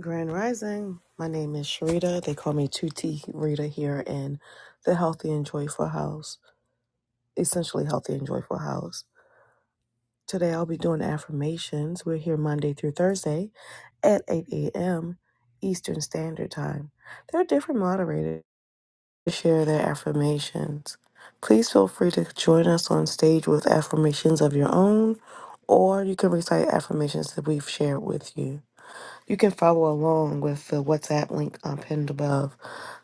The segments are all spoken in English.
Grand Rising. My name is Sharita. They call me 2T Rita here in the Healthy and Joyful House, essentially Healthy and Joyful House. Today I'll be doing affirmations. We're here Monday through Thursday at 8 a.m. Eastern Standard Time. There are different moderators to share their affirmations. Please feel free to join us on stage with affirmations of your own, or you can recite affirmations that we've shared with you. You can follow along with the WhatsApp link um, pinned above.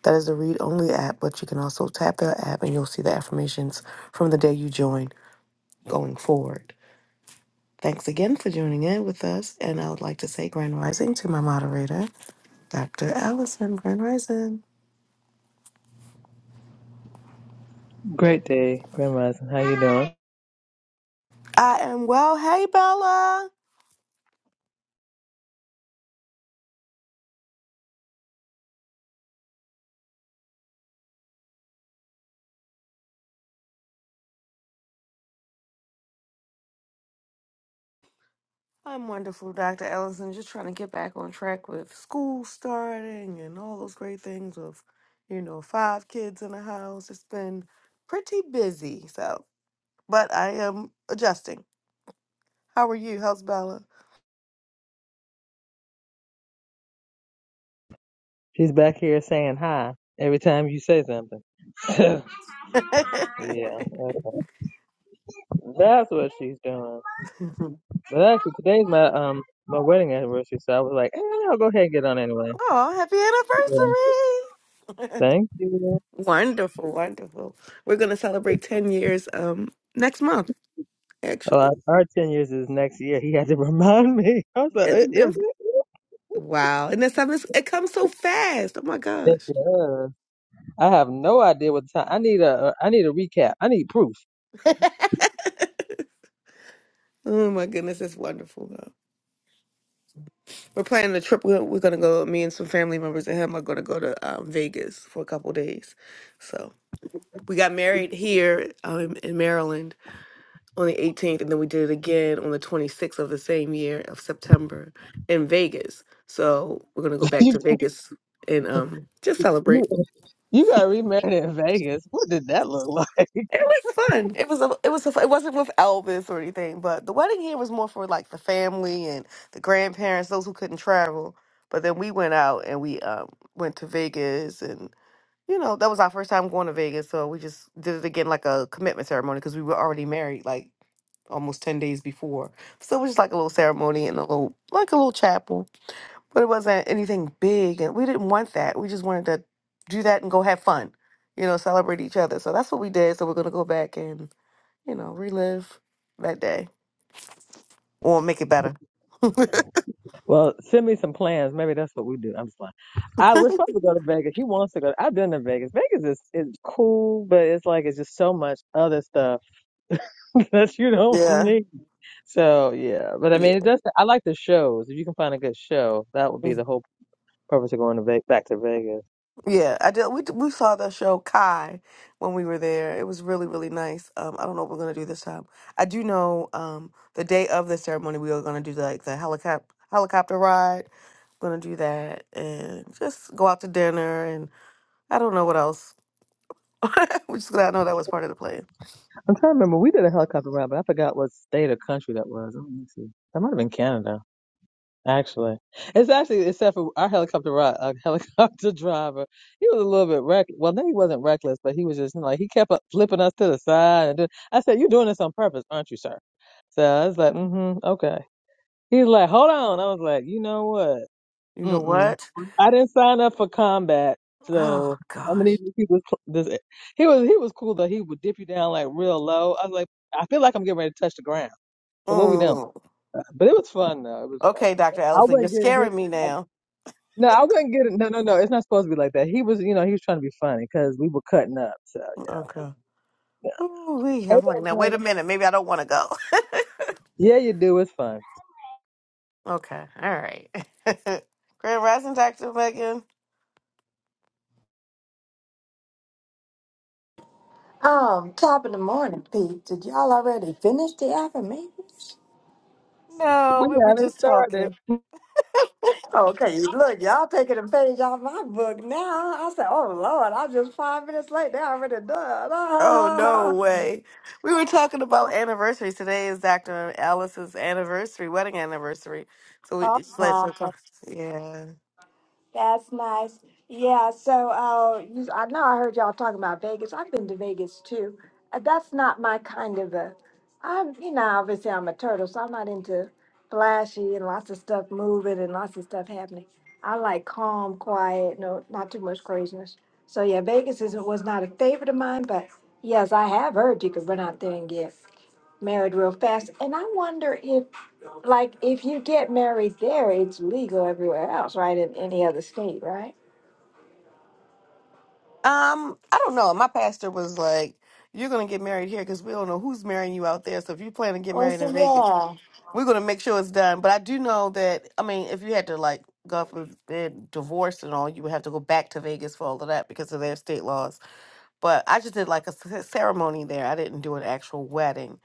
That is a read only app, but you can also tap that app and you'll see the affirmations from the day you join going forward. Thanks again for joining in with us. And I would like to say Grand Rising to my moderator, Dr. Allison Grand Rising. Great day, Grandma. Allison. How you doing? I am well. Hey, Bella. I'm wonderful, Dr. Allison. Just trying to get back on track with school starting and all those great things of, you know, five kids in the house. It's been pretty busy. So but I am adjusting. How are you? How's Bella? She's back here saying hi every time you say something. yeah, okay. that's what she's doing. But actually, today's my um my wedding anniversary, so I was like, eh, I'll go ahead and get on anyway. Yeah. oh, happy anniversary! Thank you. wonderful, wonderful. We're gonna celebrate ten years um next month. Oh, Actually, our our ten years is next year. He had to remind me. I was like, "I- it's is been it? wow, and the seven it comes so fast. Oh my Yes, gosh! it is. I have no idea what the time. I need a I need a recap. I need proof. Oh my goodness, it's wonderful. Though. We're planning a trip. We're, we're gonna go. Me and some family members and him are gonna go to um, Vegas for a couple days. So we got married here um, in Maryland on the 18th, and then we did it again on the 26th of the same year of September in Vegas. So we're gonna go back you, to Vegas and um just celebrate. you you got remarried in Vegas. What did that look like? It was fun. It was a, it was a, it wasn't with Elvis or anything, but the wedding here was more for like the family and the grandparents, those who couldn't travel. But then we went out and we um went to Vegas and. you know, that was our first time going to Vegas, so we just did it again like a commitment ceremony because we were already married like almost ten days before. So it was just like a little ceremony and a little like a little chapel, but it wasn't anything big, and we didn't want that. We just wanted to do that and go have fun, you know, celebrate each other. So that's what we did. So we're gonna go back and you know relive that day or make it better. Well, send me some plans. Maybe that's what we do. I'm just lying. I we're supposed to go to Vegas. He wants to go. I've been to Vegas. Vegas is is cool, but it's like it's just so much other stuff that you don't yeah. need. So yeah, but I mean, it Yeah. does. I like the shows. If you can find a good show, that would be the whole purpose of going to Ve- back to Vegas. Yeah, I did. We we saw the show Kai when we were there. It was really really nice. Um, I don't know what we're gonna do this time. I do know um the day of the ceremony we are gonna do like the helicopter helicopter ride. We're gonna do that and just go out to dinner and I don't know what else. We're just glad I know that was part of the plan. I'm trying to remember. We did a helicopter ride, but I forgot what state or country that was. Oh, Let me see. That might have been Canada. Actually, it's actually except for our helicopter ride, uh, helicopter driver. He was a little bit reck. Well, no, he wasn't reckless, but he was just like he kept up flipping us to the side. And doing, I said, "You're doing this on purpose, aren't you, sir?" So I was like, "Mm-hmm, okay." He's like, "Hold on." I was like, "You know what? You know Mm-mm. what? I didn't sign up for combat, Oh so I'm gonna need gosh. to keep this." cl- this. He was he was cool though. He would dip you down like real low. I was like, I feel like I'm getting ready to touch the ground. So what we doing? Mm. But it was fun though. It was fun. Okay, Doctor I Allison, you're would not get scaring me his. now. No, I wouldn't get it. No, no, no. It's not supposed to be like that. He was, you know, he was trying to be funny because we were cutting up. So, Okay. yeah. Ooh-wee. I'm Ain't like, that now wait a funny? minute. Maybe I don't want to go. Yeah, you do. It's fun. Okay. All right. Grand Rising, Dr. Megan. Um, top of the morning, Pete. Did y'all already finish the affirmations? No, We we were haven't just started. talking. Okay, look, y'all taking a page out my book now. I said, oh Lord, I'm just five minutes late. They already Oh, no done. way. We were talking about anniversaries. Today is Dr. Alice's anniversary, wedding anniversary. So we Oh just let her no. talk. Yeah. That's nice. Yeah, so uh, you, I know I heard y'all talking about Vegas. I've been to Vegas too. Uh, That's not my kind of a. I'm, you know, obviously I'm a turtle, so I'm not into flashy and lots of stuff moving and lots of stuff happening. I like calm, quiet, no, not too much craziness. So yeah, Vegas is was not a favorite of mine, but yes, I have heard you could run out there and get married real fast. And I wonder if like if you get married there, it's legal everywhere else, right? In any other state, right? Um, I don't know. My pastor was like, you're going to get married here because we don't know who's marrying you out there. So if you plan to get Oh, married so in Vegas. yeah. We're gonna make sure it's done. But I do know that I mean, if you had to like God forbid divorce and all, you would have to go back to Vegas for all of that because of their state laws. But I just did like a c- ceremony there. I didn't do an actual wedding.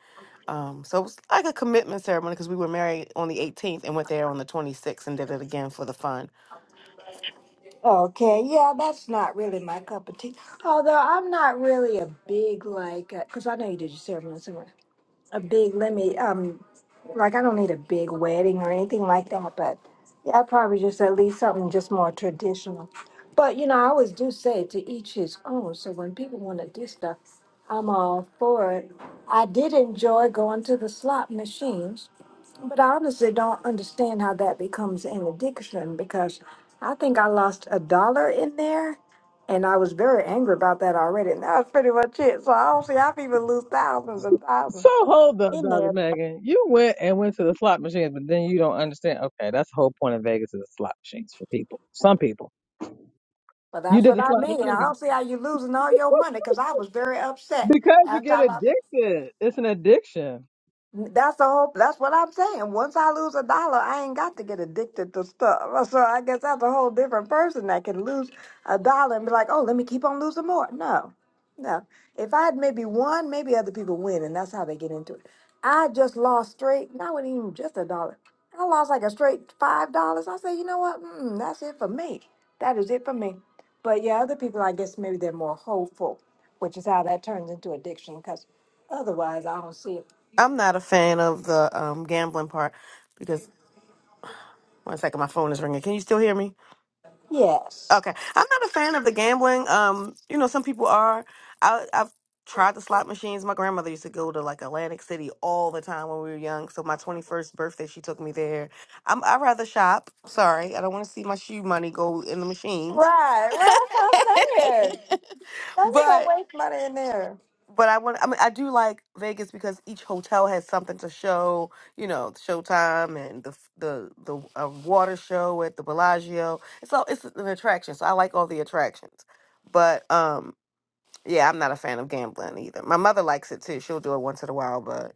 Um, so it was like a commitment ceremony because we were married on the 18th and went there on the 26th and did it again for the fun. Okay, yeah, that's not really my cup of tea. Although I'm not really a big like, because I know you did your ceremony. somewhere. a big let me um like I don't need a big wedding or anything like that, but yeah, probably just at least something just more traditional. But you know, I always do say to each his own. So when people want to do stuff, I'm all for it. I did enjoy going to the slot machines, but I honestly don't understand how that becomes an addiction because I think I lost a dollar in there and I was very angry about that already. And that was pretty much it. So I don't see how people lose thousands and thousands So hold up, in Dr. there. Megan. You went and went to the slot machines, but then you don't understand. Okay, that's the whole point of Vegas is the slot machines for people. Some people. But You that's did what the I slot mean. I machine don't see how you losing all your money because I was very upset because you after get I lost. addicted. It's an addiction. That's the whole. That's what I'm saying. Once I lose a dollar, I ain't got to get addicted to stuff. So I guess that's a whole different person that can lose a dollar and be like, "Oh, let me keep on losing more." No, no. If I had maybe one, maybe other people win, and that's how they get into it. I just lost straight. Not even just a dollar. I lost like a straight five dollars. I say, you know what? Mm, that's it for me. That is it for me. But yeah, other people, I guess maybe they're more hopeful, which is how that turns into addiction. Because otherwise, I don't see it. I'm not a fan of the um, gambling part because one second, my phone is ringing. Can you still hear me? Yes. Okay, I'm not a fan of the gambling. Um, you know, some people are. I, I've tried the slot machines. My grandmother used to go to like Atlantic City all the time when we were young. So my 21st birthday, she took me there. I'm, I rather shop. Sorry, I don't want to see my shoe money go in the machines. Right, right. That's what I'm saying. Now you don't but waste money in there. but I want. I mean, I do like Vegas because each hotel has something to show. You know, Showtime and the the the uh, water show at the Bellagio. It's all it's an attraction, so I like all the attractions. But um, yeah, I'm not a fan of gambling either. My mother likes it too. She'll do it once in a while, but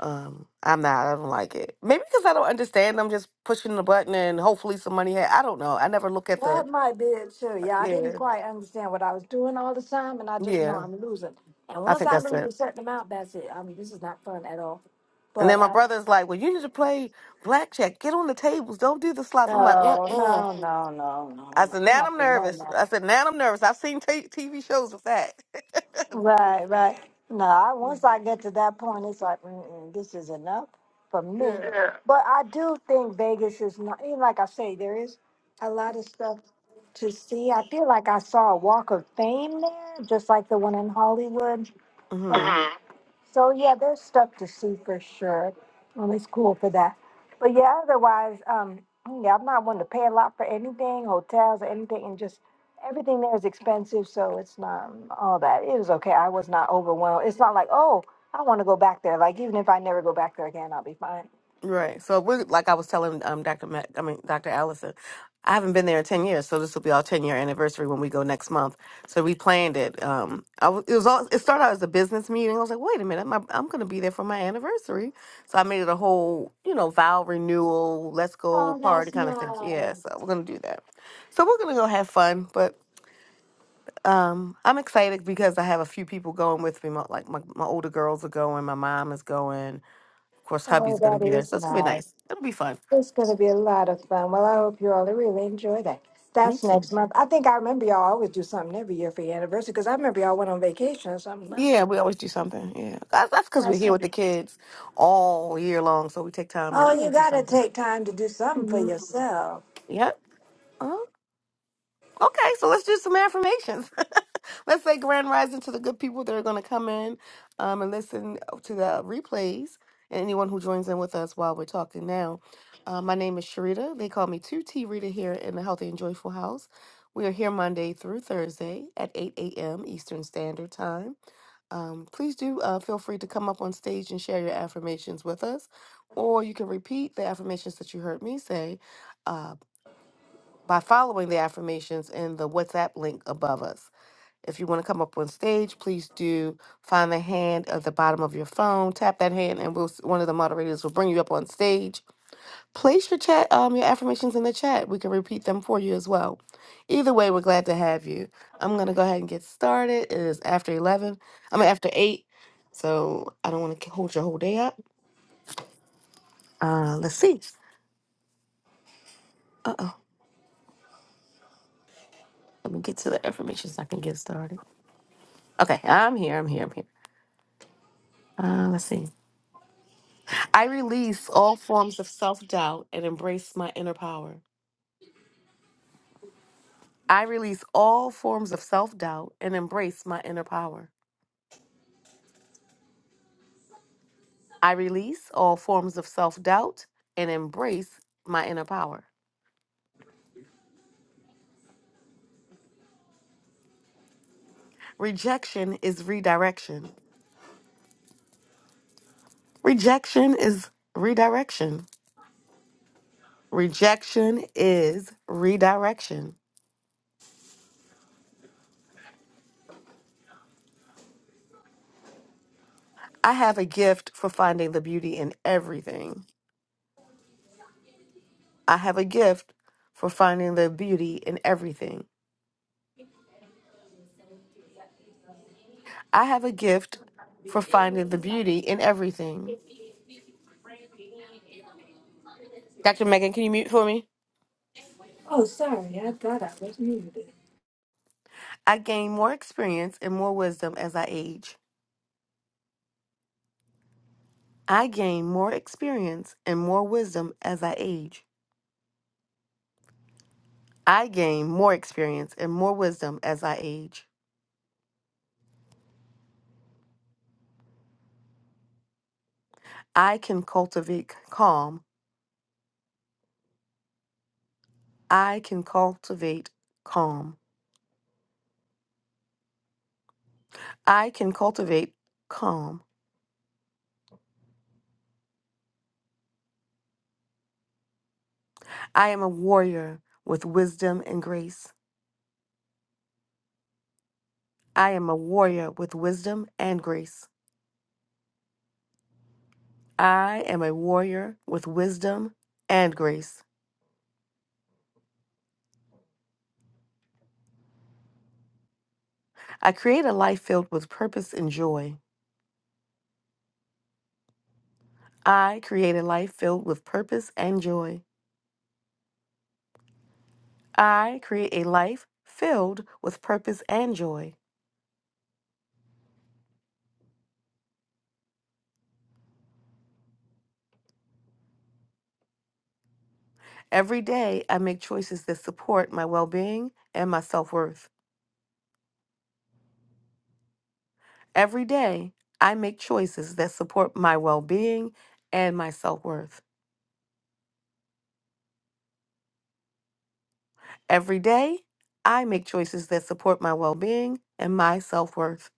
um, I'm not. I don't like it. Maybe because I don't understand. I'm just pushing the button and hopefully some money. Ha- I don't know. I never look at the. That might be it too. Yeah, I didn't Yeah, quite understand what I was doing all the time, and I just know yeah. I'm losing. And I once think I that's it. lose a certain amount, that's it. I mean, this is not fun at all. And then But my uh, brother's like, "Well, you need to play blackjack. Get on the tables. Don't do the slots." I'm like, no, "Mm-mm." no, no, no, no, I no. said, I'm "Now not I'm doing nervous." that. I said, "Now I'm nervous." I've seen t- TV shows with that. Right, right. No, I, once I get to that point, it's like Mm-mm, this is enough for me. Yeah. But I do think Vegas is not. you Like I say, there is a lot of stuff to see. I feel like I saw a Walk of Fame there, just like the one in Hollywood. yeah. Mhm. So yeah, there's stuff to see for sure. And it's cool for that. But yeah, otherwise, um, yeah, I'm not one to pay a lot for anything, hotels or anything, and just everything there is expensive, so it's not all that. It was okay. I was not overwhelmed. It's not like, oh, I want to go back there. Like even if I never go back there again, I'll be fine. Right. So we're like I was telling um Dr. Mac, I mean Dr. Allison, I haven't been there in ten years, so this will be our ten year anniversary when we go next month. So we planned it. Um, I was, it was all it started out as a business meeting. I was like, wait a minute, my, I'm going to be there for my anniversary. So I made it a whole, you know, vow renewal, let's go Oh, party that's kind of thing. Yeah. nice. So we're going to do that. So we're going to go have fun, but. Um, I'm excited because I have a few people going with me. My, like my, my older girls are going, my mom is going. Of course, hubby's Oh, gonna that be there, is so it's gonna be nice. nice. It'll be fun. It's going to be a lot of fun. Well, I hope you all really enjoy that. Me That's too. next month. I think I remember y'all always do something every year for your anniversary because I remember y'all went on vacation or something last Yeah, time. we always do something. Yeah, that's that's because we're That's here with the kids all year long, so we take time to you oh, you know do got to something. take time to do something for hmm yourself. Yep. uh Okay, so let's do some affirmations. let's say grand rising to the good people that are going to come in um, and listen oh, to the replays, and anyone who joins in with us while we're talking now. Uh, my name is Sharita. They call me 2T Rita here in the Healthy and Joyful House. We are here Monday through Thursday at 8 a.m. Eastern Standard Time. Um, please do uh, feel free to come up on stage and share your affirmations with us, or you can repeat the affirmations that you heard me say uh, by following the affirmations in the WhatsApp link above us. If you want to come up on stage, please do find the hand at the bottom of your phone, tap that hand, and we'll, one of the moderators will bring you up on stage. Place your chat, um, your affirmations in the chat. We can repeat them for you as well. Either way, we're glad to have you. I'm gonna go ahead and get started. It is after eleven. I mean after eight, so I don't want to hold your whole day up. Uh, let's see. Uh oh, let me get to the affirmations. so I can get started. Okay, I'm here. I'm here. I'm here. Uh, let's see. I release all forms of self doubt and embrace my inner power. I release all forms of self doubt and embrace my inner power. I release all forms of self doubt and embrace my inner power. Rejection is redirection. Rejection is redirection. Rejection is redirection. I have a gift for finding the beauty in everything. I have a gift for finding the beauty in everything. I have a gift for finding the beauty in everything. Dr. Megan, can you mute for me? Oh, sorry, I thought I was muted. I gain more experience and more wisdom as I age. I gain more experience and more wisdom as I age. I gain more experience and more wisdom as I age. I can cultivate calm. I can cultivate calm. I can cultivate calm. I am a warrior with wisdom and grace. I am a warrior with wisdom and grace. I am a warrior with wisdom and grace. I create a life filled with purpose and joy. I create a life filled with purpose and joy. I create a life filled with purpose and joy. Every day, I make choices that support my well being and my self worth. Every day, I make choices that support my well being and my self worth. Every day, I make choices that support my well being and my self worth.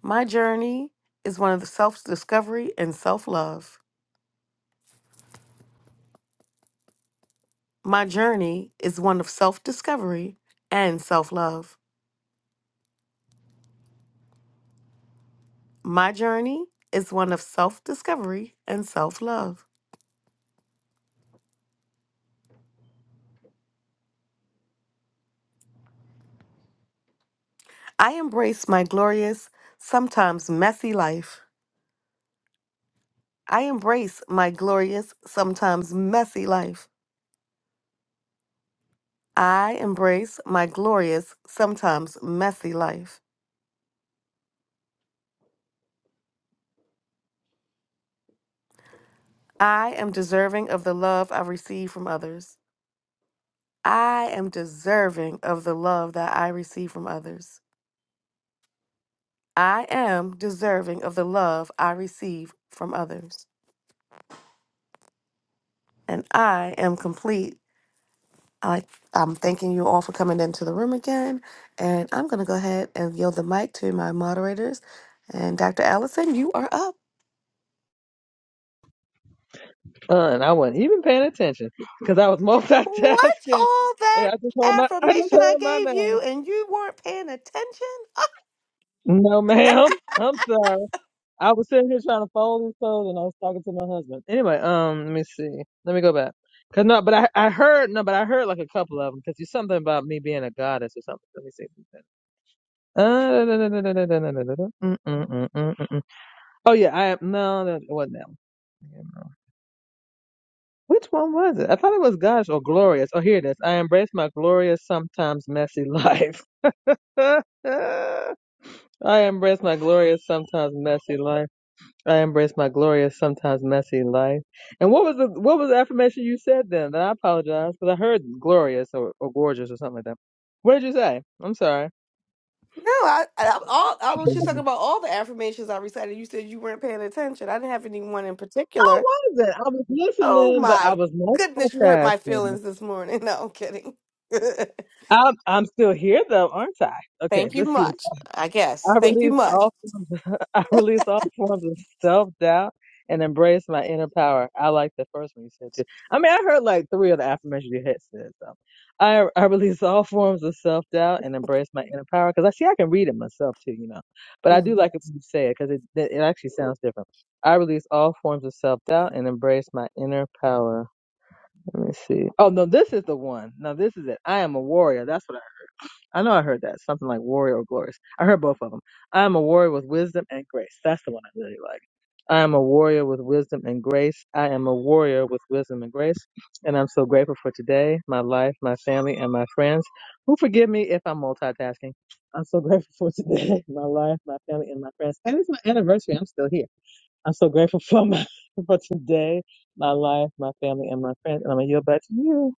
My journey is one of self discovery and self love. My journey is one of self discovery and self love. My journey is one of self discovery and self love. I embrace my glorious, sometimes messy life. I embrace my glorious, sometimes messy life. I embrace my glorious, sometimes messy life. I am deserving of the love I receive from others. I am deserving of the love that I receive from others. I am deserving of the love I receive from others. And I am complete I, I'm thanking you all for coming into the room again. And I'm going to go ahead and yield the mic to my moderators. And Dr. Allison, you are up. Uh, and I wasn't even paying attention because I was What's multitasking. all Yeah, that I just heard my I just affirmation I heard my gave name. you and you weren't paying attention? Ah, No, ma'am. I'm sorry. I was sitting here trying to fold and fold, and I was talking to my husband. Anyway, um, let me see. Let me go back. Cause no, but I I heard no, but I heard like a couple of them. Cause you something about me being a goddess or something. Let me see. Uh, da, da, da, da, da, da, da, da, da, da. da. Mm, mm, mm, mm, mm, mm. Oh yeah, I am. No, that it wasn't that one. Yeah, no. Which one was it? I thought it was goddess or glorious. Oh, here it is. I embrace my glorious, sometimes messy life. I embrace my glorious, sometimes messy life. I embrace my glorious, sometimes messy life. And what was the what was the affirmation you said then? And I apologize because I heard glorious or, or gorgeous or something like that. What did you say? I'm sorry. No, I, I, I'm all, I was just talking about all the affirmations I recited. You said you weren't paying attention. I didn't have anyone in I particular. wasn't. I was Oh listening, but I my was goodness, you hurt my multitasking. feelings this morning. No, I'm kidding. I'm I'm still here though, aren't I? Okay, Thank you let's see. much, I guess. I Thank you release much. all forms of, I release all forms of self doubt and embrace my inner power. I like the first one you said too. I mean, I heard like three of the affirmations you had said. So I I release all forms of self doubt and embrace my inner power because I see I can read it myself too, you know. But I do like it when you say it because it it it actually sounds different. I release all forms of self doubt and embrace my inner power. Let me see. Oh no, this is the one. No, this is it. I am a warrior. That's what. I. I know I heard that something like warrior or glorious. I heard both of them. I am a warrior with wisdom and grace. That's the one I really like. I am a warrior with wisdom and grace. I am a warrior with wisdom and grace. And I'm so grateful for today, my life, my family, and my friends who forgive me if I'm multitasking. I'm so grateful for today, my life, my family, and my friends. And it's my anniversary. I'm still here. I'm so grateful for my for today, my life, my family, and my friends. And I'm gonna yield back to you.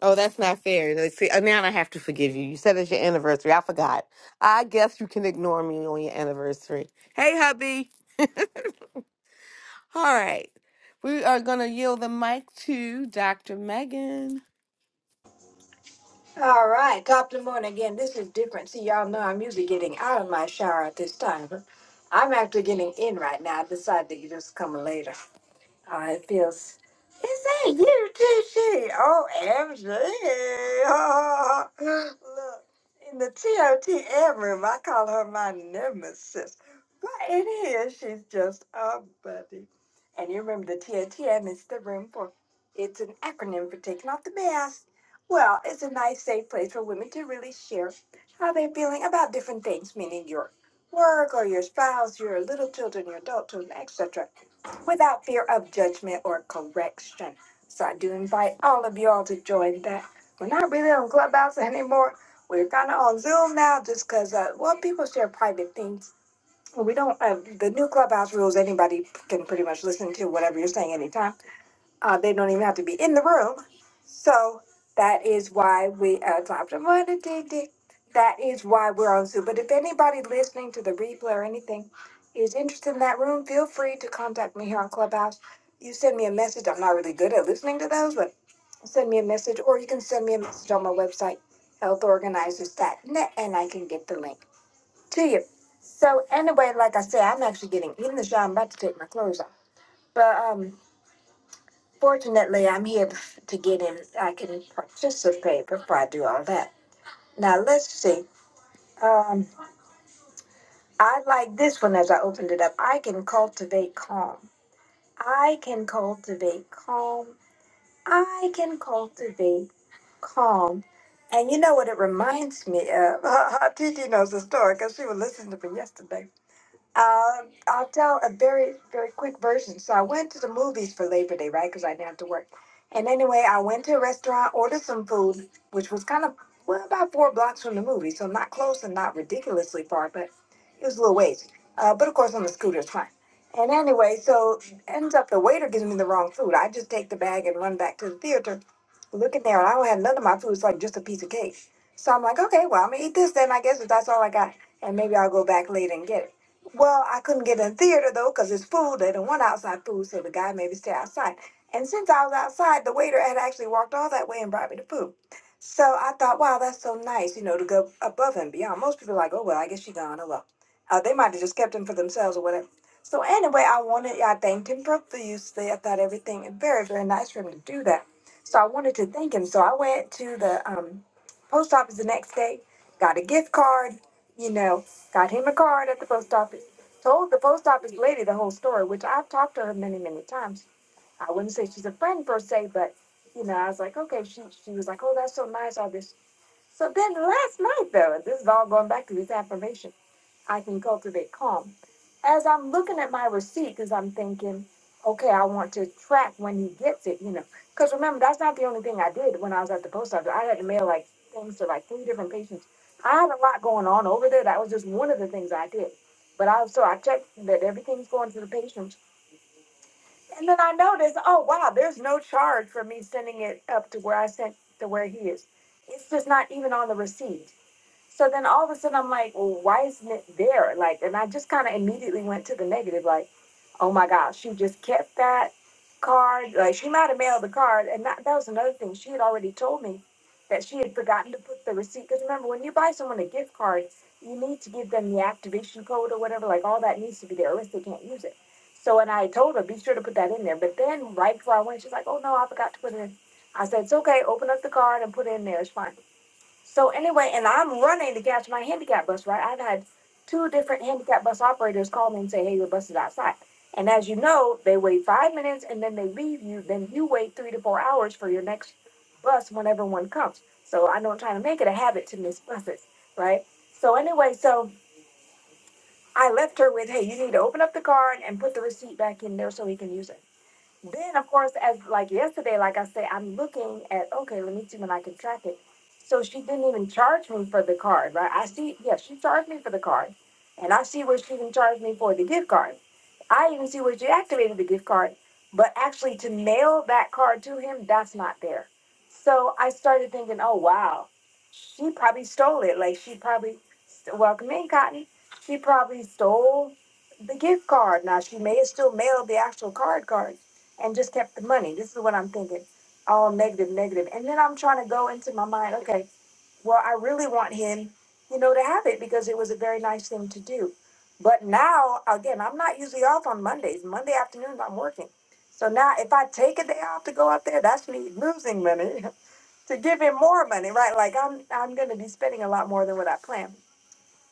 Oh, that's not fair. Let's See, uh, now I have to forgive you. You said it's your anniversary. I forgot. I guess you can ignore me on your anniversary. Hey, hubby. All right. We are going to yield the mic to Dr. Megan. All right, top of the morning again. This is different. See, y'all know I'm usually getting out of my shower at this time. I'm actually getting in right now. I decided to just come later. Oh, it feels. Is that you, TT? Oh, MG. Look, in the TOT ad room, I call her my nemesis. But in here, she's just a buddy. And you remember the TOT admin is the room for, it's an acronym for taking off the mask. Well, it's a nice, safe place for women to really share how they're feeling about different things, meaning your work or your spouse, your little children, your adult children, etc without fear of judgment or correction. So I do invite all of y'all to join that. We're not really on Clubhouse anymore. We're kind of on Zoom now just because, uh, well, people share private things. We don't, uh, the new Clubhouse rules, anybody can pretty much listen to whatever you're saying anytime. Uh, they don't even have to be in the room. So that is why we adopted. What a dig dig. That is why we're on Zoom. But if anybody listening to the replay or anything is interested in that room, feel free to contact me here on Clubhouse. You send me a message. I'm not really good at listening to those, but send me a message, or you can send me a message on my website, healthorganizers.net, and I can get the link to you. So anyway, like I said, I'm actually getting in the shower. I'm about to take my clothes off, but um. Fortunately, I'm here to get in. I can participate before I do all that. Now, let's see. Um, I like this one as I opened it up. I can cultivate calm. I can cultivate calm. I can cultivate calm. And you know what it reminds me of? Titi knows the story because she was listening to me yesterday. Uh, I'll tell a very, very quick version. So I went to the movies for Labor Day, right? Because I didn't have to work. And anyway, I went to a restaurant, ordered some food, which was kind of well about four blocks from the movie, so not close and not ridiculously far, but it was a little ways. Uh, but of course, on the scooter, it's fine. And anyway, so ends up the waiter gives me the wrong food. I just take the bag and run back to the theater. Look in there, and I don't have none of my food. It's like just a piece of cake. So I'm like, okay, well, I'm gonna eat this then, I guess, if that's all I got, and maybe I'll go back later and get it. Well, I couldn't get in theater though because it's food. They don't want outside food, so the guy made me stay outside. And since I was outside, the waiter had actually walked all that way and brought me the food. So I thought, wow, that's so nice, you know, to go above and beyond. Most people are like, oh well, I guess she gone. Hello, uh, they might have just kept him for themselves or whatever. So anyway, I wanted, I thanked him profusely. I thought everything very, very nice for him to do that. So I wanted to thank him. So I went to the um, post office the next day, got a gift card, you know. Got him a card at the post office. Told the post office lady the whole story, which I've talked to her many, many times. I wouldn't say she's a friend per se, but you know, I was like, okay, she she was like, oh, that's so nice, all this. So then last night though, this is all going back to this affirmation. I can cultivate calm. As I'm looking at my receipt, because I'm thinking, okay, I want to track when he gets it, you know. Because remember, that's not the only thing I did when I was at the post office. I had to mail like things to like three different patients. I had a lot going on over there. That was just one of the things I did. But I so I checked that everything's going to the patients, and then I noticed, oh wow, there's no charge for me sending it up to where I sent to where he is. It's just not even on the receipt. So then all of a sudden I'm like, well, why isn't it there? Like, and I just kind of immediately went to the negative, like, oh my gosh, she just kept that card. Like, she might have mailed the card. And that, that was another thing. She had already told me that she had forgotten to put the receipt. Because remember, when you buy someone a gift card, you need to give them the activation code or whatever. Like, all that needs to be there, or else they can't use it. So, and I told her, be sure to put that in there. But then right before I went, she's like, oh no, I forgot to put it in. I said, it's okay, open up the card and put it in there. It's fine. So anyway, and I'm running to catch my handicap bus, right? I've had two different handicap bus operators call me and say, hey, your bus is outside. And as you know, they wait five minutes and then they leave you. Then you wait three to four hours for your next bus whenever one comes. So I know I'm trying to make it a habit to miss buses, right? So anyway, so I left her with, hey, you need to open up the card and put the receipt back in there so he can use it then of course as like yesterday like i said i'm looking at okay let me see when i can track it so she didn't even charge me for the card right i see yeah she charged me for the card and i see where she even charged me for the gift card i even see where she activated the gift card but actually to mail that card to him that's not there so i started thinking oh wow she probably stole it like she probably welcome in cotton she probably stole the gift card now she may have still mailed the actual card card and just kept the money. This is what I'm thinking. All negative, negative. And then I'm trying to go into my mind, okay, well, I really want him, you know, to have it because it was a very nice thing to do. But now, again, I'm not usually off on Mondays. Monday afternoons, I'm working. So now, if I take a day off to go out there, that's me losing money to give him more money, right? Like I'm, I'm going to be spending a lot more than what I planned.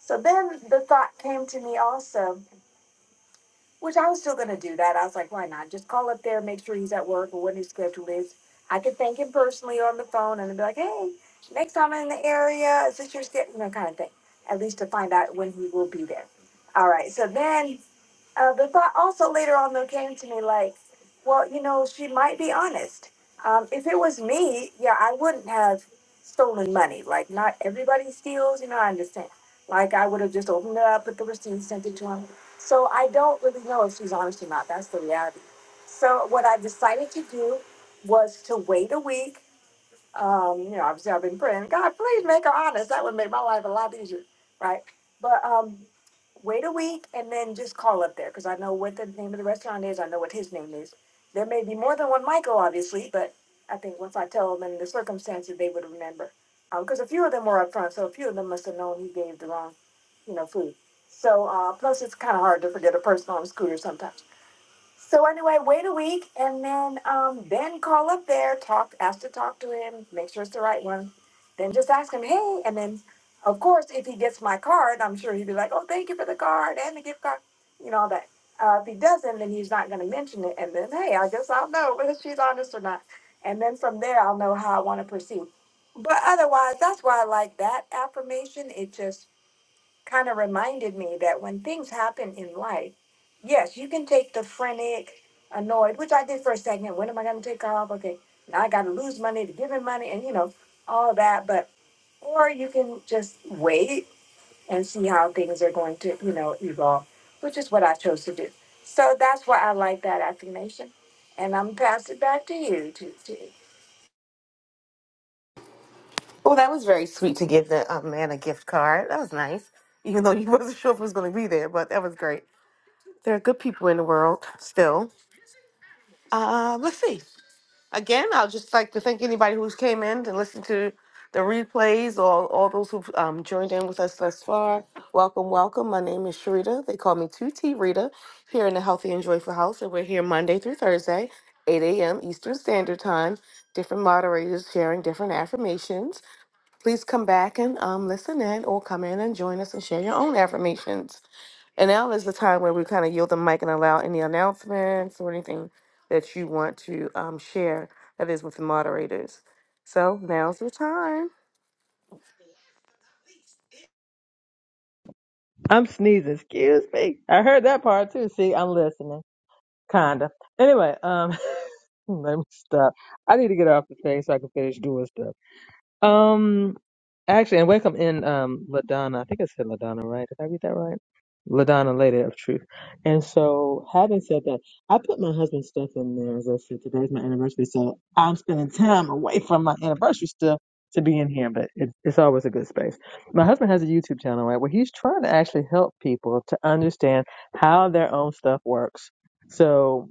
So then the thought came to me also which I was still gonna do that. I was like, why not? Just call up there, make sure he's at work or what his schedule is. I could thank him personally on the phone and be like, hey, next time I'm in the area, is this your schedule? You know, kind of thing. At least to find out when he will be there. All right. So then uh, the thought also later on though came to me like, well, you know, she might be honest. Um, if it was me, yeah, I wouldn't have stolen money. Like, not everybody steals, you know. I understand. Like, I would have just opened it up, put the receipt, sent it to him. So I don't really know if she's honest or not. That's the reality. So what I decided to do was to wait a week um, you know, obviously I've been praying, God, please make her honest. That would make my life a lot easier, right? But um, wait a week and then just call up there because I know what the name of the restaurant is. I know what his name is. There may be more than one Michael, obviously, but I think once I tell them the circumstances, they would remember. Because a few of them were up front, so a few of them must have known he gave the wrong, you know, food. So uh, plus, it's kind of hard to forget a person on a scooter sometimes. So anyway, wait a week and then um, then call up there, talk, ask to talk to him, make sure it's the right one. Then just ask him, hey, and then of course if he gets my card, I'm sure he'd be like, oh, thank you for the card and the gift card, you know all that. Uh, if he doesn't, then he's not going to mention it, and then hey, I guess I'll know whether she's honest or not, and then from there I'll know how I want to proceed. But otherwise, that's why I like that affirmation. It just kind of reminded me that when things happen in life, yes, you can take the frantic, annoyed, which I did for a second. When am I going to take off? Okay, now I got to lose money to give him money, and you know all that. But or you can just wait and see how things are going to you know evolve, which is what I chose to do. So that's why I like that affirmation, and I'm pass it back to you. To, to Oh, that was very sweet to give the uh, man a gift card. That was nice. Even though you wasn't sure if it was going to be there, but that was great. There are good people in the world still. Uh, let's see. Again, i will just like to thank anybody who's came in and listened to the replays or all those who've um, joined in with us thus far. Welcome, welcome. My name is Sharita. They call me 2T Rita here in the Healthy and Joyful House, and we're here Monday through Thursday, 8 a.m. Eastern Standard Time. Different moderators sharing different affirmations. Please come back and um, listen in or come in and join us and share your own affirmations. And now is the time where we kind of yield the mic and allow any announcements or anything that you want to um, share that is with the moderators. So now's the time. I'm sneezing. Excuse me. I heard that part too. See, I'm listening. Kinda. Anyway, um, let me stop. I need to get off the thing so I can finish doing stuff. Um, actually, and welcome in, um, Ladonna. I think I said Ladonna, right? Did I read that right? Ladonna, Lady of Truth. And so, having said that, I put my husband's stuff in there. As I said, today's my anniversary, so I'm spending time away from my anniversary stuff to be in here, but it, it's always a good space. My husband has a YouTube channel, right, where he's trying to actually help people to understand how their own stuff works. So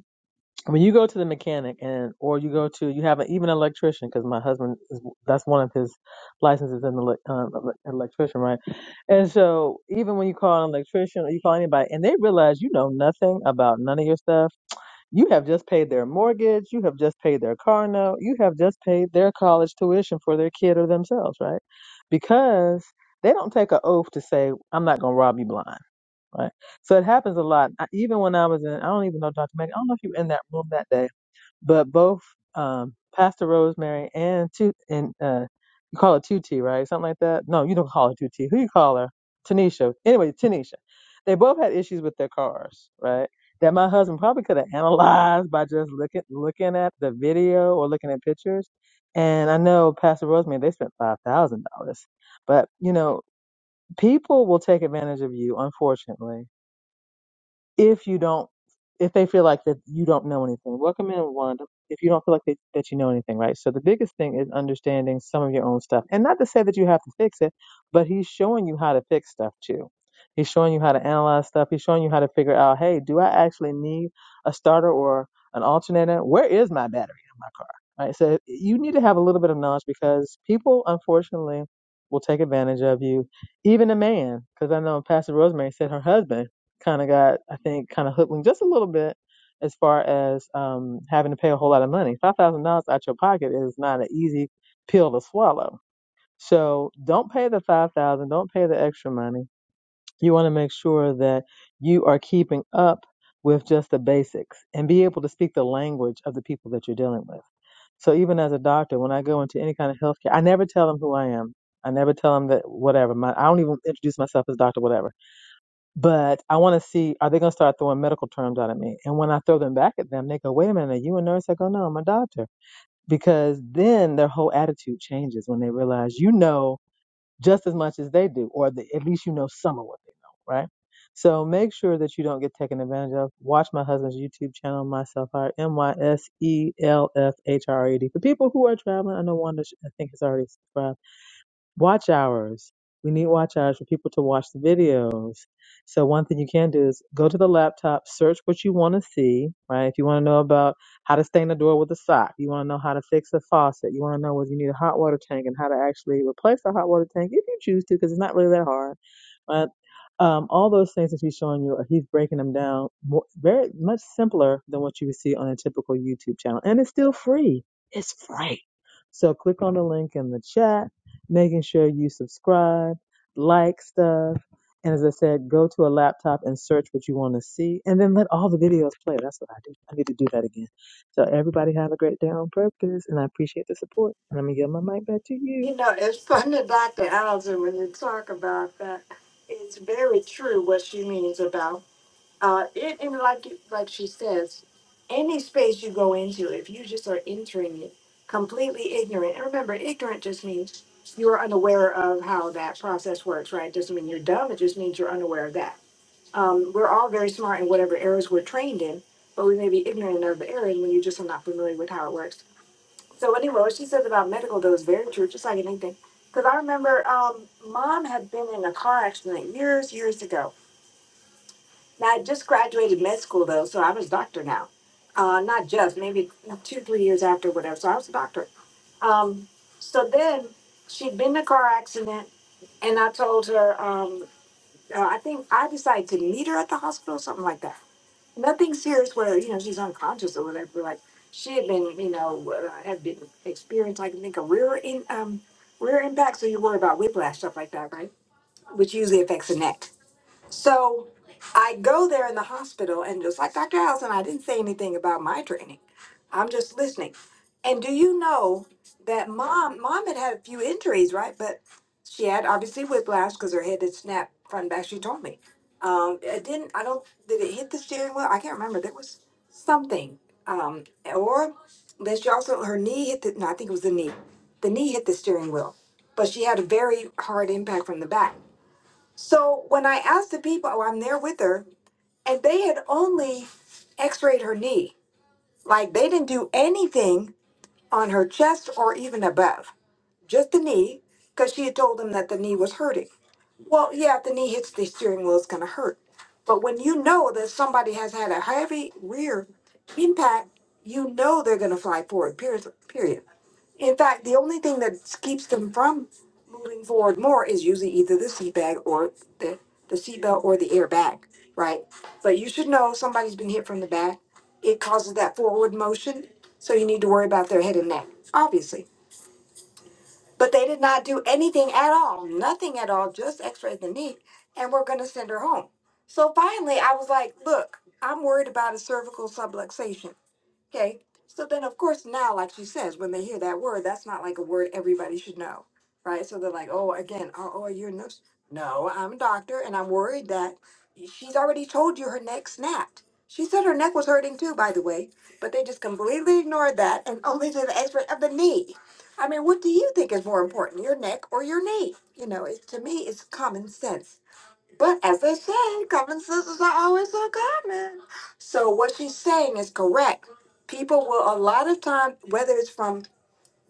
I mean, you go to the mechanic and, or you go to, you have an, even an electrician, because my husband is, that's one of his licenses an ele- um, ele- electrician, right? And so even when you call an electrician or you call anybody and they realize you know nothing about none of your stuff, you have just paid their mortgage, you have just paid their car note, you have just paid their college tuition for their kid or themselves, right? Because they don't take an oath to say, I'm not going to rob you blind. Right. So it happens a lot. I, even when I was in, I don't even know Dr. Meg, I don't know if you were in that room that day but both um, Pastor Rosemary and two and uh, you call her Tuti, right? Something like that. No, you don't call her Tuti. Who you call her? Tanisha. Anyway, Tanisha. They both had issues with their cars, right? That my husband probably could have analyzed by just looking looking at the video or looking at pictures. And I know Pastor Rosemary, they spent five thousand dollars, but you know, people will take advantage of you, unfortunately if you don't if they feel like that you don't know anything welcome in wanda if you don't feel like that, that you know anything right so the biggest thing is understanding some of your own stuff and not to say that you have to fix it but he's showing you how to fix stuff too he's showing you how to analyze stuff he's showing you how to figure out hey do i actually need a starter or an alternator where is my battery in my car right so you need to have a little bit of knowledge because people unfortunately will take advantage of you even a man because i know pastor rosemary said her husband kind of got, I think, kind of hoodwinked just a little bit as far as um, having to pay a whole lot of money. Five thousand dollars out your pocket is not an easy pill to swallow. So don't pay the five thousand. dollars. Don't pay the extra money. You want to make sure that you are keeping up with just the basics and be able to speak the language of the people that you're dealing with. So even as a doctor, when I go into any kind of healthcare, I never tell them who I am. I never tell them that whatever. My, I don't even introduce myself as doctor whatever. But I want to see, are they going to start throwing medical terms out at me? And when I throw them back at them, they go, wait a minute, are you a nurse? I go, no, I'm a doctor. Because then their whole attitude changes when they realize you know just as much as they do, or the, at least you know some of what they know, right? So make sure that you don't get taken advantage of. Watch my husband's YouTube channel, Myself Hired, M Y S E L F H R E D. For people who are traveling, I know Wanda, I think, has already subscribed watch hours. We need watch hours for people to watch the videos. So one thing you can do is go to the laptop, search what you want to see, right? If you want to know about how to stain the door with a sock, you want to know how to fix a faucet, you want to know whether you need a hot water tank and how to actually replace a hot water tank if you choose to, because it's not really that hard. But um, all those things that he's showing you, uh, he's breaking them down more, very much simpler than what you would see on a typical YouTube channel, and it's still free. It's free. So click on the link in the chat making sure you subscribe, like stuff. And as I said, go to a laptop and search what you want to see, and then let all the videos play. That's what I do. I need to do that again. So, everybody have a great day on purpose, and I appreciate the support. And I'm going to give my mic back to you you. know, it's fun to Dr. Allison when you talk about that. It's very true what she means about Uh, it, and like it- like she says, any space you go into, if you just are entering it completely ignorant, and remember, ignorant just means you are unaware of how that process works, right? Doesn't mean you're dumb. It just means you're unaware of that. Um, we're all very smart in whatever areas we're trained in, but we may be ignorant of the areas when you just are not familiar with how it works. So anyway, what she says about medical though is very true, just like anything. Because I remember um, mom had been in a car accident years, years ago now, I just graduated med school though, so I was a doctor now. Uh, not just maybe two, three years after, whatever. So I was a doctor. Um, so then she'd been in a car accident, and I told her, um, uh, I think I decided to meet her at the hospital, something like that. Nothing serious where you know she's unconscious or whatever. Like she had been, you know, uh, had been experienced, like, I can think, a rear in um, rear impact. So you worry about whiplash stuff like that, right? Which usually affects the neck. So I go there in the hospital, and just like Dr. Allison, I didn't say anything about my training. I'm just listening. And do you know that mom, mom had had a few injuries, right? But she had obviously whiplash because her head had snapped front and back. She told me. Um, it didn't. I don't. Did it hit the steering wheel? I can't remember. There was something. Um, or then she also her knee hit the. No, I think it was the knee. The knee hit the steering wheel, but she had a very hard impact from the back. So when I asked the people, oh, I'm there with her, and they had only x rayed her knee. Like they didn't do anything on her chest or even above, just the knee, because she had told them that the knee was hurting. Well, yeah, if the knee hits the steering wheel, it's going to hurt. But when you know that somebody has had a heavy rear impact, you know they're going to fly forward, period. period. In fact, the only thing that keeps them from moving forward more is usually either the seat bag or the, the seatbelt or the airbag, right? But you should know somebody's been hit from the back. It causes that forward motion, so you need to worry about their head and neck, obviously. But they did not do anything at all, nothing at all, just x rayed the knee, and we're going to send her home. So finally, I was like, look, I'm worried about a cervical subluxation Okay, so then of course now, like she says, when they hear that word, that's not like a word everybody should know, right? So they're like, oh, again, oh, oh you're a nurse. No, I'm a doctor, and I'm worried that she's already told you her neck snapped. She said her neck was hurting too, by the way, but they just completely ignored that and only did the X-ray of the knee. I mean, what do you think is more important, your neck or your knee? You know, it, to me, it's common sense. But as they say, common sisters are always uncommon. So what she's saying is correct. People will a lot of time, whether it's from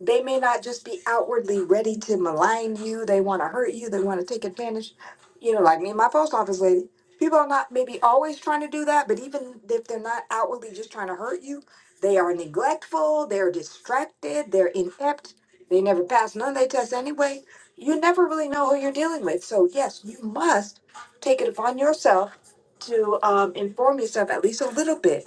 they may not just be outwardly ready to malign you. They want to hurt you. They want to take advantage. You know, like me and my post office lady. People are not maybe always trying to do that, but even if they're not outwardly just trying to hurt you, they are neglectful. They're distracted. They're inept. They never pass none of their tests anyway. You never really know who you're dealing with. So yes, you must take it upon yourself to um, inform yourself at least a little bit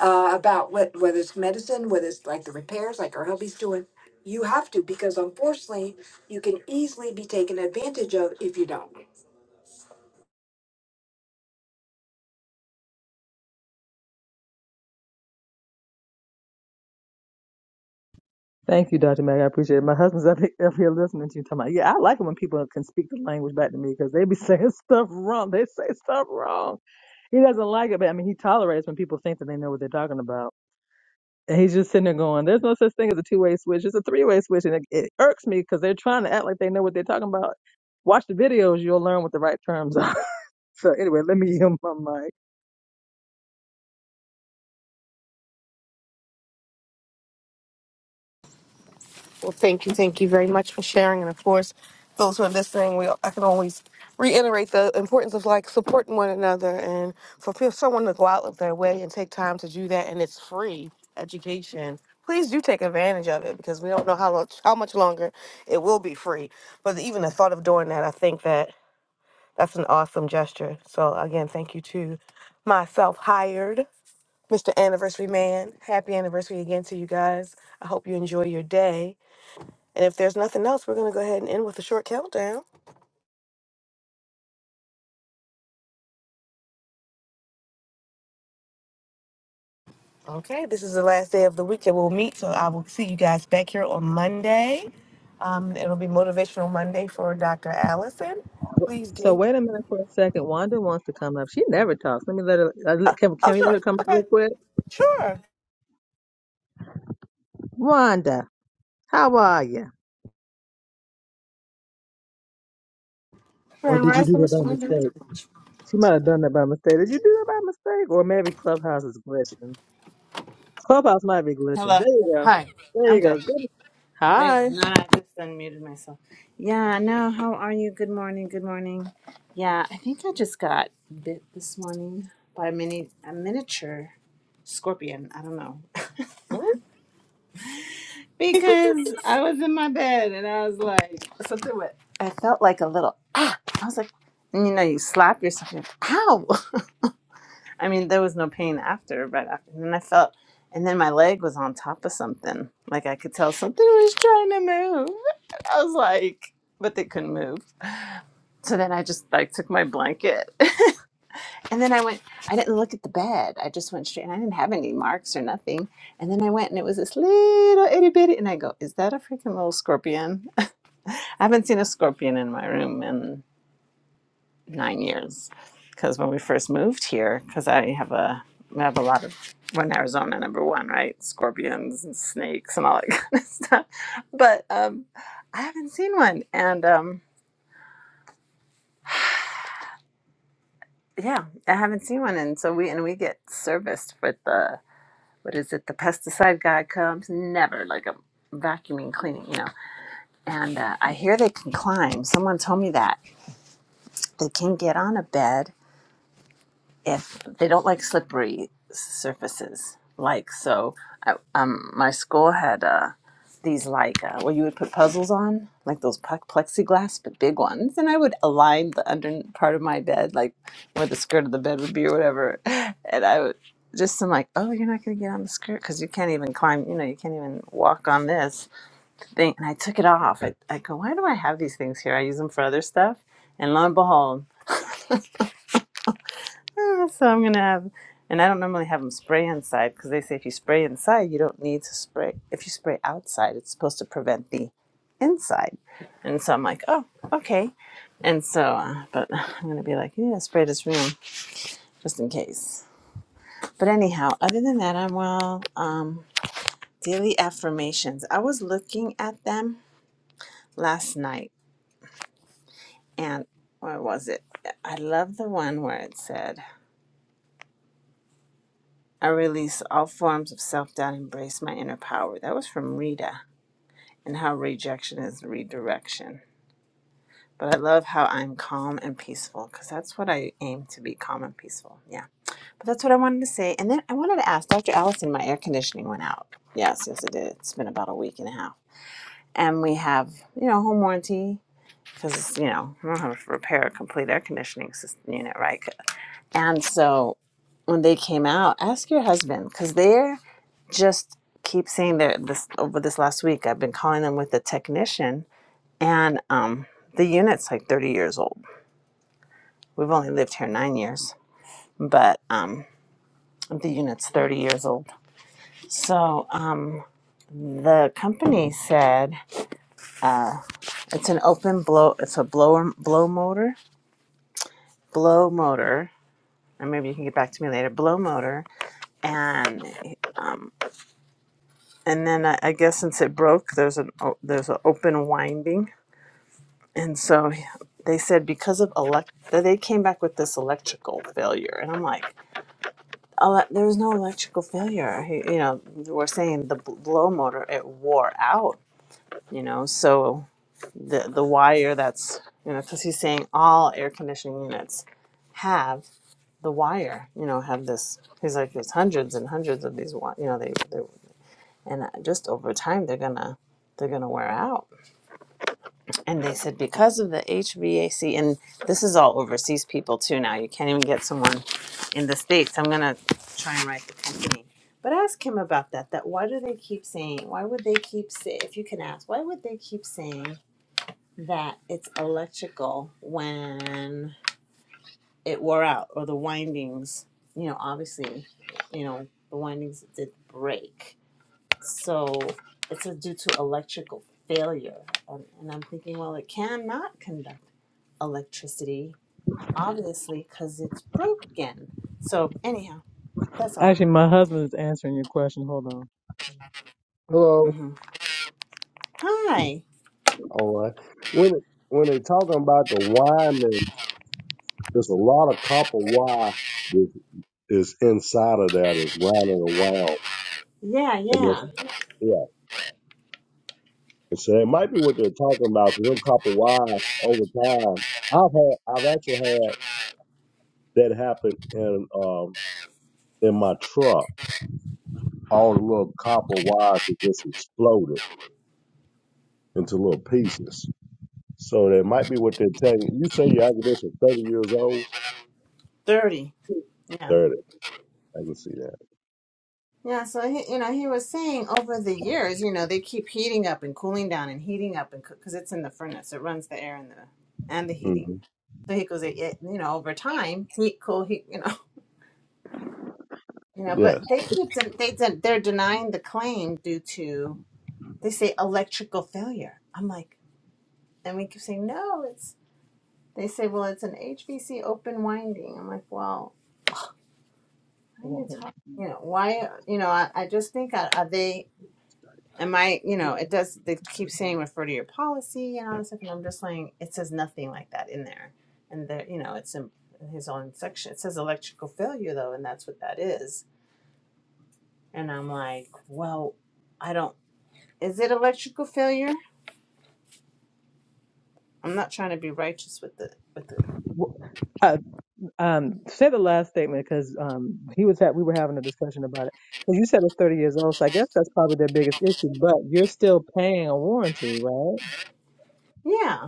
uh, about what whether it's medicine, whether it's like the repairs, like our hubby's doing you have to because unfortunately, you can easily be taken advantage of if you don't. Thank you, Dr. Mag. I appreciate it. My husband's up here, up here listening to you talking about, yeah, I like it when people can speak the language back to me because they be saying stuff wrong. They say stuff wrong. He doesn't like it, but I mean, he tolerates when people think that they know what they're talking about And he's just sitting there going, "There's no such thing as a two way switch. It's a three way switch." And it, it irks me because they're trying to act like they know what they're talking about. Watch the videos; you'll learn what the right terms are. so anyway, let me yield my mic. Well, thank you, thank you very much for sharing, and of course, those who are listening, we I can always reiterate the importance of like supporting one another, and for feel- someone to go out of their way and take time to do that, and it's free education. Please do take advantage of it because we don't know how long, how much longer it will be free. But even the thought of doing that, I think that That's an awesome gesture. So again, thank you to my self-hired Mr. Anniversary Man. Happy anniversary again to you guys. I hope you enjoy your day. And if there's nothing else, we're gonna go ahead and end with a short countdown. Okay, this is the last day of the week that we'll meet. So I will see you guys back here on Monday. Um, it'll be Motivational Monday for Dr. Allison. Please So do. wait a minute for a second. Wanda wants to come up. She never talks. Let me let her. uh, Uh, let- Can, oh, can we sure. let her come up Okay. real quick? Sure. Wanda, how are you? Or Grand did you do Rising, that Mr. by Wonder. mistake? She might have done that by mistake. Did you do that by mistake? Or maybe Clubhouse is glitching. Clubhouse might be glitching. Hello. There you go. Hi. There I'm you good. go. Good. They- Hi. No, no, I just unmuted myself. Yeah, no, how are you? Good morning. Good morning. Yeah, I think I just got bit this morning by a mini a miniature scorpion. I don't know. What? Because I was in my bed and I was like something what I felt like a little ah. I was like and you know, you slap yourself and you're like, ow. I mean, there was no pain after, right after. And then I felt, and then my leg was on top of something. Like I could tell something was trying to move. I was like, but they couldn't move. So then I just like took my blanket. and then I went, I didn't look at the bed. I just went straight and I didn't have any marks or nothing. And then I went and it was this little itty bitty. And I go, is that a freaking little scorpion? I haven't seen a scorpion in my room nine years because when we first moved here because i have a I have a lot of we in arizona number one right scorpions and snakes and all that kind of stuff but um i haven't seen one and um yeah i haven't seen one and so we and we get serviced with the what is it the pesticide guy comes never like a vacuuming cleaning you know and uh, i hear they can climb someone told me that they can get on a bed if they don't like slippery surfaces like so I, um my school had uh these like uh, where you would put puzzles on like those pu- plexiglass but big ones and i would align the under part of my bed like where the skirt of the bed would be or whatever and i would just i'm like oh you're not going to get on the skirt because you can't even climb you know you can't even walk on this thing and i took it off i, I go why do i have these things here i use them for other stuff and lo and behold So I'm gonna have, and I don't normally have them spray inside because they say if you spray inside, you don't need to spray. If you spray outside, it's supposed to prevent the inside. And so I'm like, oh, okay. And so, uh, but I'm gonna be like, yeah, spray this room just in case. But anyhow, other than that, I'm well. Um, daily affirmations. I was looking at them last night, and where was it? I love the one where it said. I release all forms of self doubt, and embrace my inner power. That was from Rita and how rejection is redirection. But I love how I'm calm and peaceful because that's what I aim to be calm and peaceful. Yeah. But that's what I wanted to say. And then I wanted to ask Dr. Allison, my air conditioning went out. Yes, yes, it did. It's been about a week and a half. And we have, you know, home warranty because, you know, I don't have to repair a complete air conditioning system unit, right? And so when they came out, ask your husband because they're just keep saying that this over this last week I've been calling them with the technician and um the unit's like 30 years old. We've only lived here 9 years, but um the unit's 30 years old. So, um the company said it's an open blow it's a blower blow motor, blow motor. And maybe you can get back to me later. Blow motor, and and then I, I guess since it broke, there's an o- there's an open winding And so they said because of elect, they came back with this electrical failure, and I'm like, oh, there was no electrical failure. He- You know, they we're saying the bl- blow motor it wore out. You know, so the the wire that's you know because he's saying all air conditioning units have the wire. You know, have this. He's like, there's hundreds and hundreds of these. wi- You know, they they and uh, just over time they're gonna they're gonna wear out and they said because of the HVAC, and this is all overseas people too now. You can't even get someone in the states. I'm gonna try and write the company, but ask him about that. That why do they keep saying? Why would they keep say? If you can ask, why would they keep saying that it's electrical when it wore out or the windings? You know, obviously, you know the windings did break, so it's a, due to electrical failure. And, and I'm thinking, well, it cannot conduct electricity, obviously, because it's broke again. So, anyhow, that's all. Actually, my husband is answering your question. Hold on. Hello. hmm Hi. All right. When it, when they're talking about the wine, there- there's a lot of copper wire that is inside of that is rounding around, Yeah, and it's yeah. yeah. And so it might be what they're talking about because them copper wires over time. I've had I've actually had that happen in um in my truck. All the little copper wires have just exploded into little pieces. So that might be what they're telling you. You say your academics are 30 years old? 30. Yeah. 30. I can see that. Yeah, so he, you know, he was saying over the years, you know, they keep heating up and cooling down and heating up and because it's in the furnace, it runs the air and the and the heating. hmm So he goes, it, it- you know, over time, heat, cool, heat, you know, you know. Yes. But they keep de- they de- they're denying the claim due to they say electrical failure. I'm like, and we keep saying, no, it's, they say, well, it's an HVC open winding. I'm like, well, how are you talking? You know, why, you know, I, I just think, are, are they, am I, you know, it does, they keep saying refer to your policy and all this stuff. And I'm just like, it says nothing like that in there. And there, you know, it's in his own section. It says electrical failure though, and that's what that is. And I'm like, well, I don't, is it electrical failure? I'm not trying to be righteous with the, with the, Well, Uh, um, say the last statement because um, he was at, we were having a discussion about it. Because you said it's 30 years old, so I guess that's probably their biggest issue. But you're still paying a warranty, right? yeah.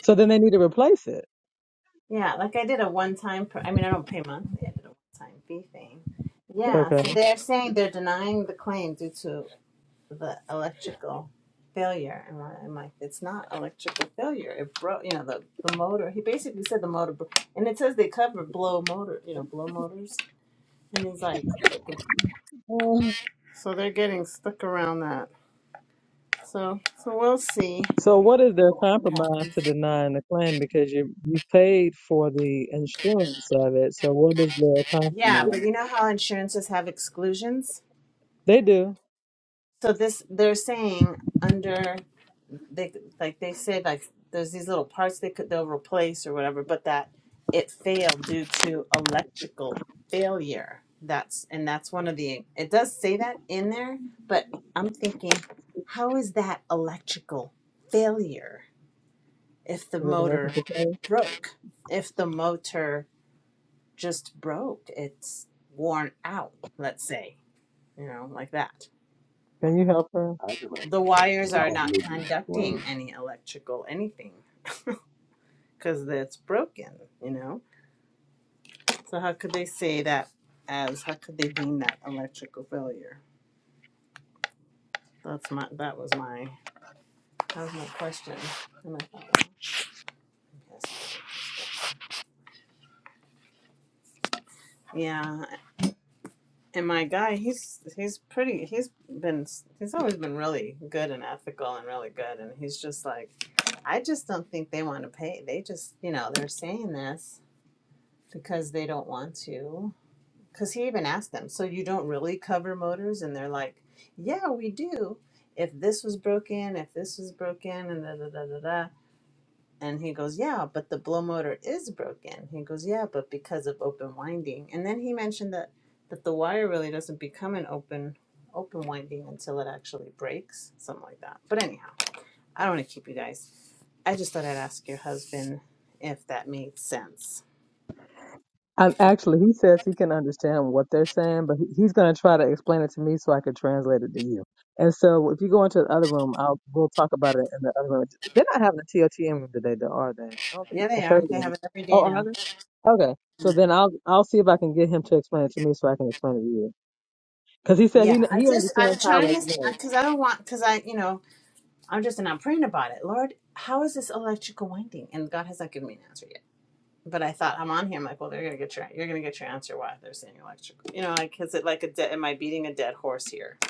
So then they need to replace it. Yeah, like I did a one time, per- I mean, I don't pay monthly, I did a one time fee thing. Yeah, Okay. so they're saying they're denying the claim due to the electrical failure. And I- I'm like, it's not electrical failure. It broke, you know, the, the motor. He basically said the motor, bro- and it says they cover blow motor, you know, blow motors. And he's like, "Okay." Uh, so they're getting stuck around that. So, so we'll see So what is their what happens. compromise to denying the claim because you you've paid for the insurance of it? So what is their Yeah, but compromise? you know how insurances have exclusions? They do. So this they're saying under they like they said like there's these little parts they could they'll replace or whatever, but that it failed due to electrical failure. That's and that's one of the it does say that in there, but I'm thinking, how is that electrical failure if the Is it a motor reciprocal claim? broke? If the motor just broke, it's worn out, let's say, you know, like that. Can you help her? I can the wires are not conducting understand. any electrical anything because that's broken, you know? So how could they say that as how could they deem that electrical failure? That's my that was my that was my question. And I thought, well, yes. Yeah, and my guy, he's he's pretty. He's been he's always been really good and ethical and really good. And he's just like, I just don't think they want to pay. They just you know they're saying this because they don't want to Because he even asked them, so you don't really cover motors? And they're like, yeah, we do. If this was broken, if this was broken, and da da da da da. And he goes, yeah, but the blow motor is broken. He goes, yeah, but because of open winding. And then he mentioned that that the wire really doesn't become an open open winding until it actually breaks, something like that. But anyhow, I don't want to keep you guys. I just thought I'd ask your husband if that made sense. Um, actually, he says he can understand what they're saying, but he- he's going to try to explain it to me so I can translate it to you. And so, if you go into the other room, I'll we'll talk about it in the other room. They're not having a TOTM room today, though, are they? I don't think Yeah, it's on they are. Thursday. They have it every day Oh, are now. they? Okay. So then I'll I'll see if I can get him to explain it to me so I can explain it to you. Because he said Yeah, he kn- I he just I'm understands how it trying to is. because I don't want because I you know I'm just and I'm praying about it. Lord, how is this electrical winding? And God has not given me an answer yet. But I thought I'm on here. I'm like, well, they're gonna get your you're gonna get your answer why they're saying electrical. You know, like is it like a dead? Am I beating a dead horse here?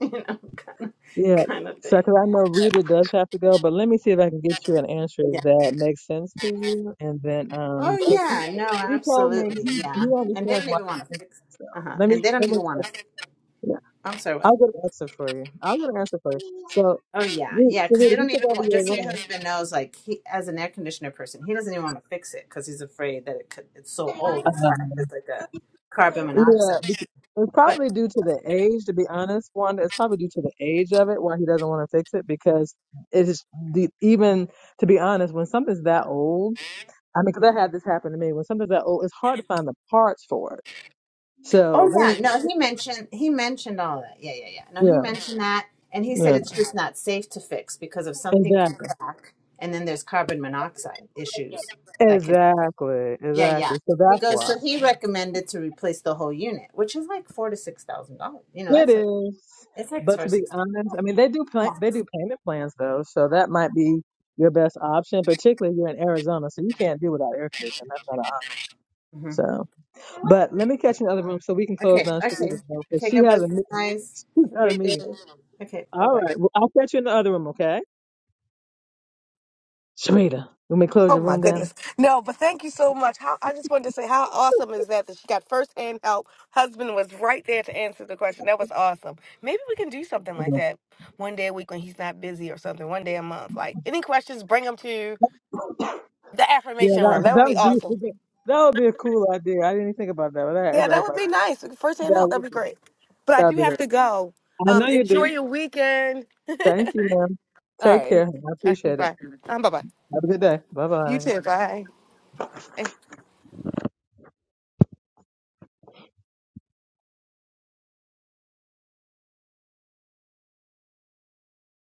You know, kind of Yeah. kind of So, thing. because I know Rita does have to go, but let me see if I can get you an answer Yeah. if that makes sense to you. And then, Oh um, he yeah. No, he told me absolutely. he, Yeah. he And they understands don't why. even I want to think fix. So Uh huh. let me And they don't let even me. want to. yeah, I'm sorry. I'll get an answer for you. What? I'll get an answer for you. So, Oh yeah, Rita, yeah. so Because they Rita, we don't took even over want. your Just so your room. husband knows, like he, as an air conditioner person, he doesn't even want to fix it because he's afraid that it could. It's so old and cracked. It's like a carbon monoxide. Yeah, it's probably But due to the age. To be honest, Wanda, it's probably due to the age of it why he doesn't want to fix it because it is the even to be honest when something's that old. I mean, 'cause I had this happen to me when something's that old, it's hard to find the parts for it. So oh they don't yeah, even, no. He mentioned he mentioned all that. Yeah, yeah, yeah. No, he yeah, mentioned that, and he said yeah, it's just not safe to fix because if something could exactly, crack, and then there's carbon monoxide issues that could. exactly, Yeah, yeah. exactly. So He that's goes. why So he yeah. recommended to replace the whole unit, which is like four to six thousand dollars. You know, it that's a. is. It's like for But to six. be thousand. honest, I mean, they do plan, they do payment plans though, so that might be your best option, particularly if you're in Arizona, so you can't do without air conditioning. That's not an option. hmm So, but let me catch you in the other room so we can close Okay, down. okay. Sharita's room Because Okay, she God has bless a you meeting. guys. She Have a got a great day. meeting. Okay, bye All bye. right. Well, I'll catch you in the other room, okay? Sharita, let me close Oh your my room goodness. down. No, but thank you so much. How I just wanted to say how awesome is that that she got firsthand help. Husband was right there to answer the question. That was awesome. Maybe we can do something like that one day a week when he's not busy or something. One day a month. Like any questions, bring them to the Yeah, affirmation room. that That would that be would be awesome. that would be a cool idea. I didn't even think about that, but that is, Yeah, I that was would like, be nice. Firsthand that help. That'd be would be great. But I that do would be have to good. go. I know Um, you enjoy do. your weekend. Thank you, ma'am. All Take right. care. I appreciate it. Bye. Um, bye bye. Have a good day. Bye You bye. too. Bye.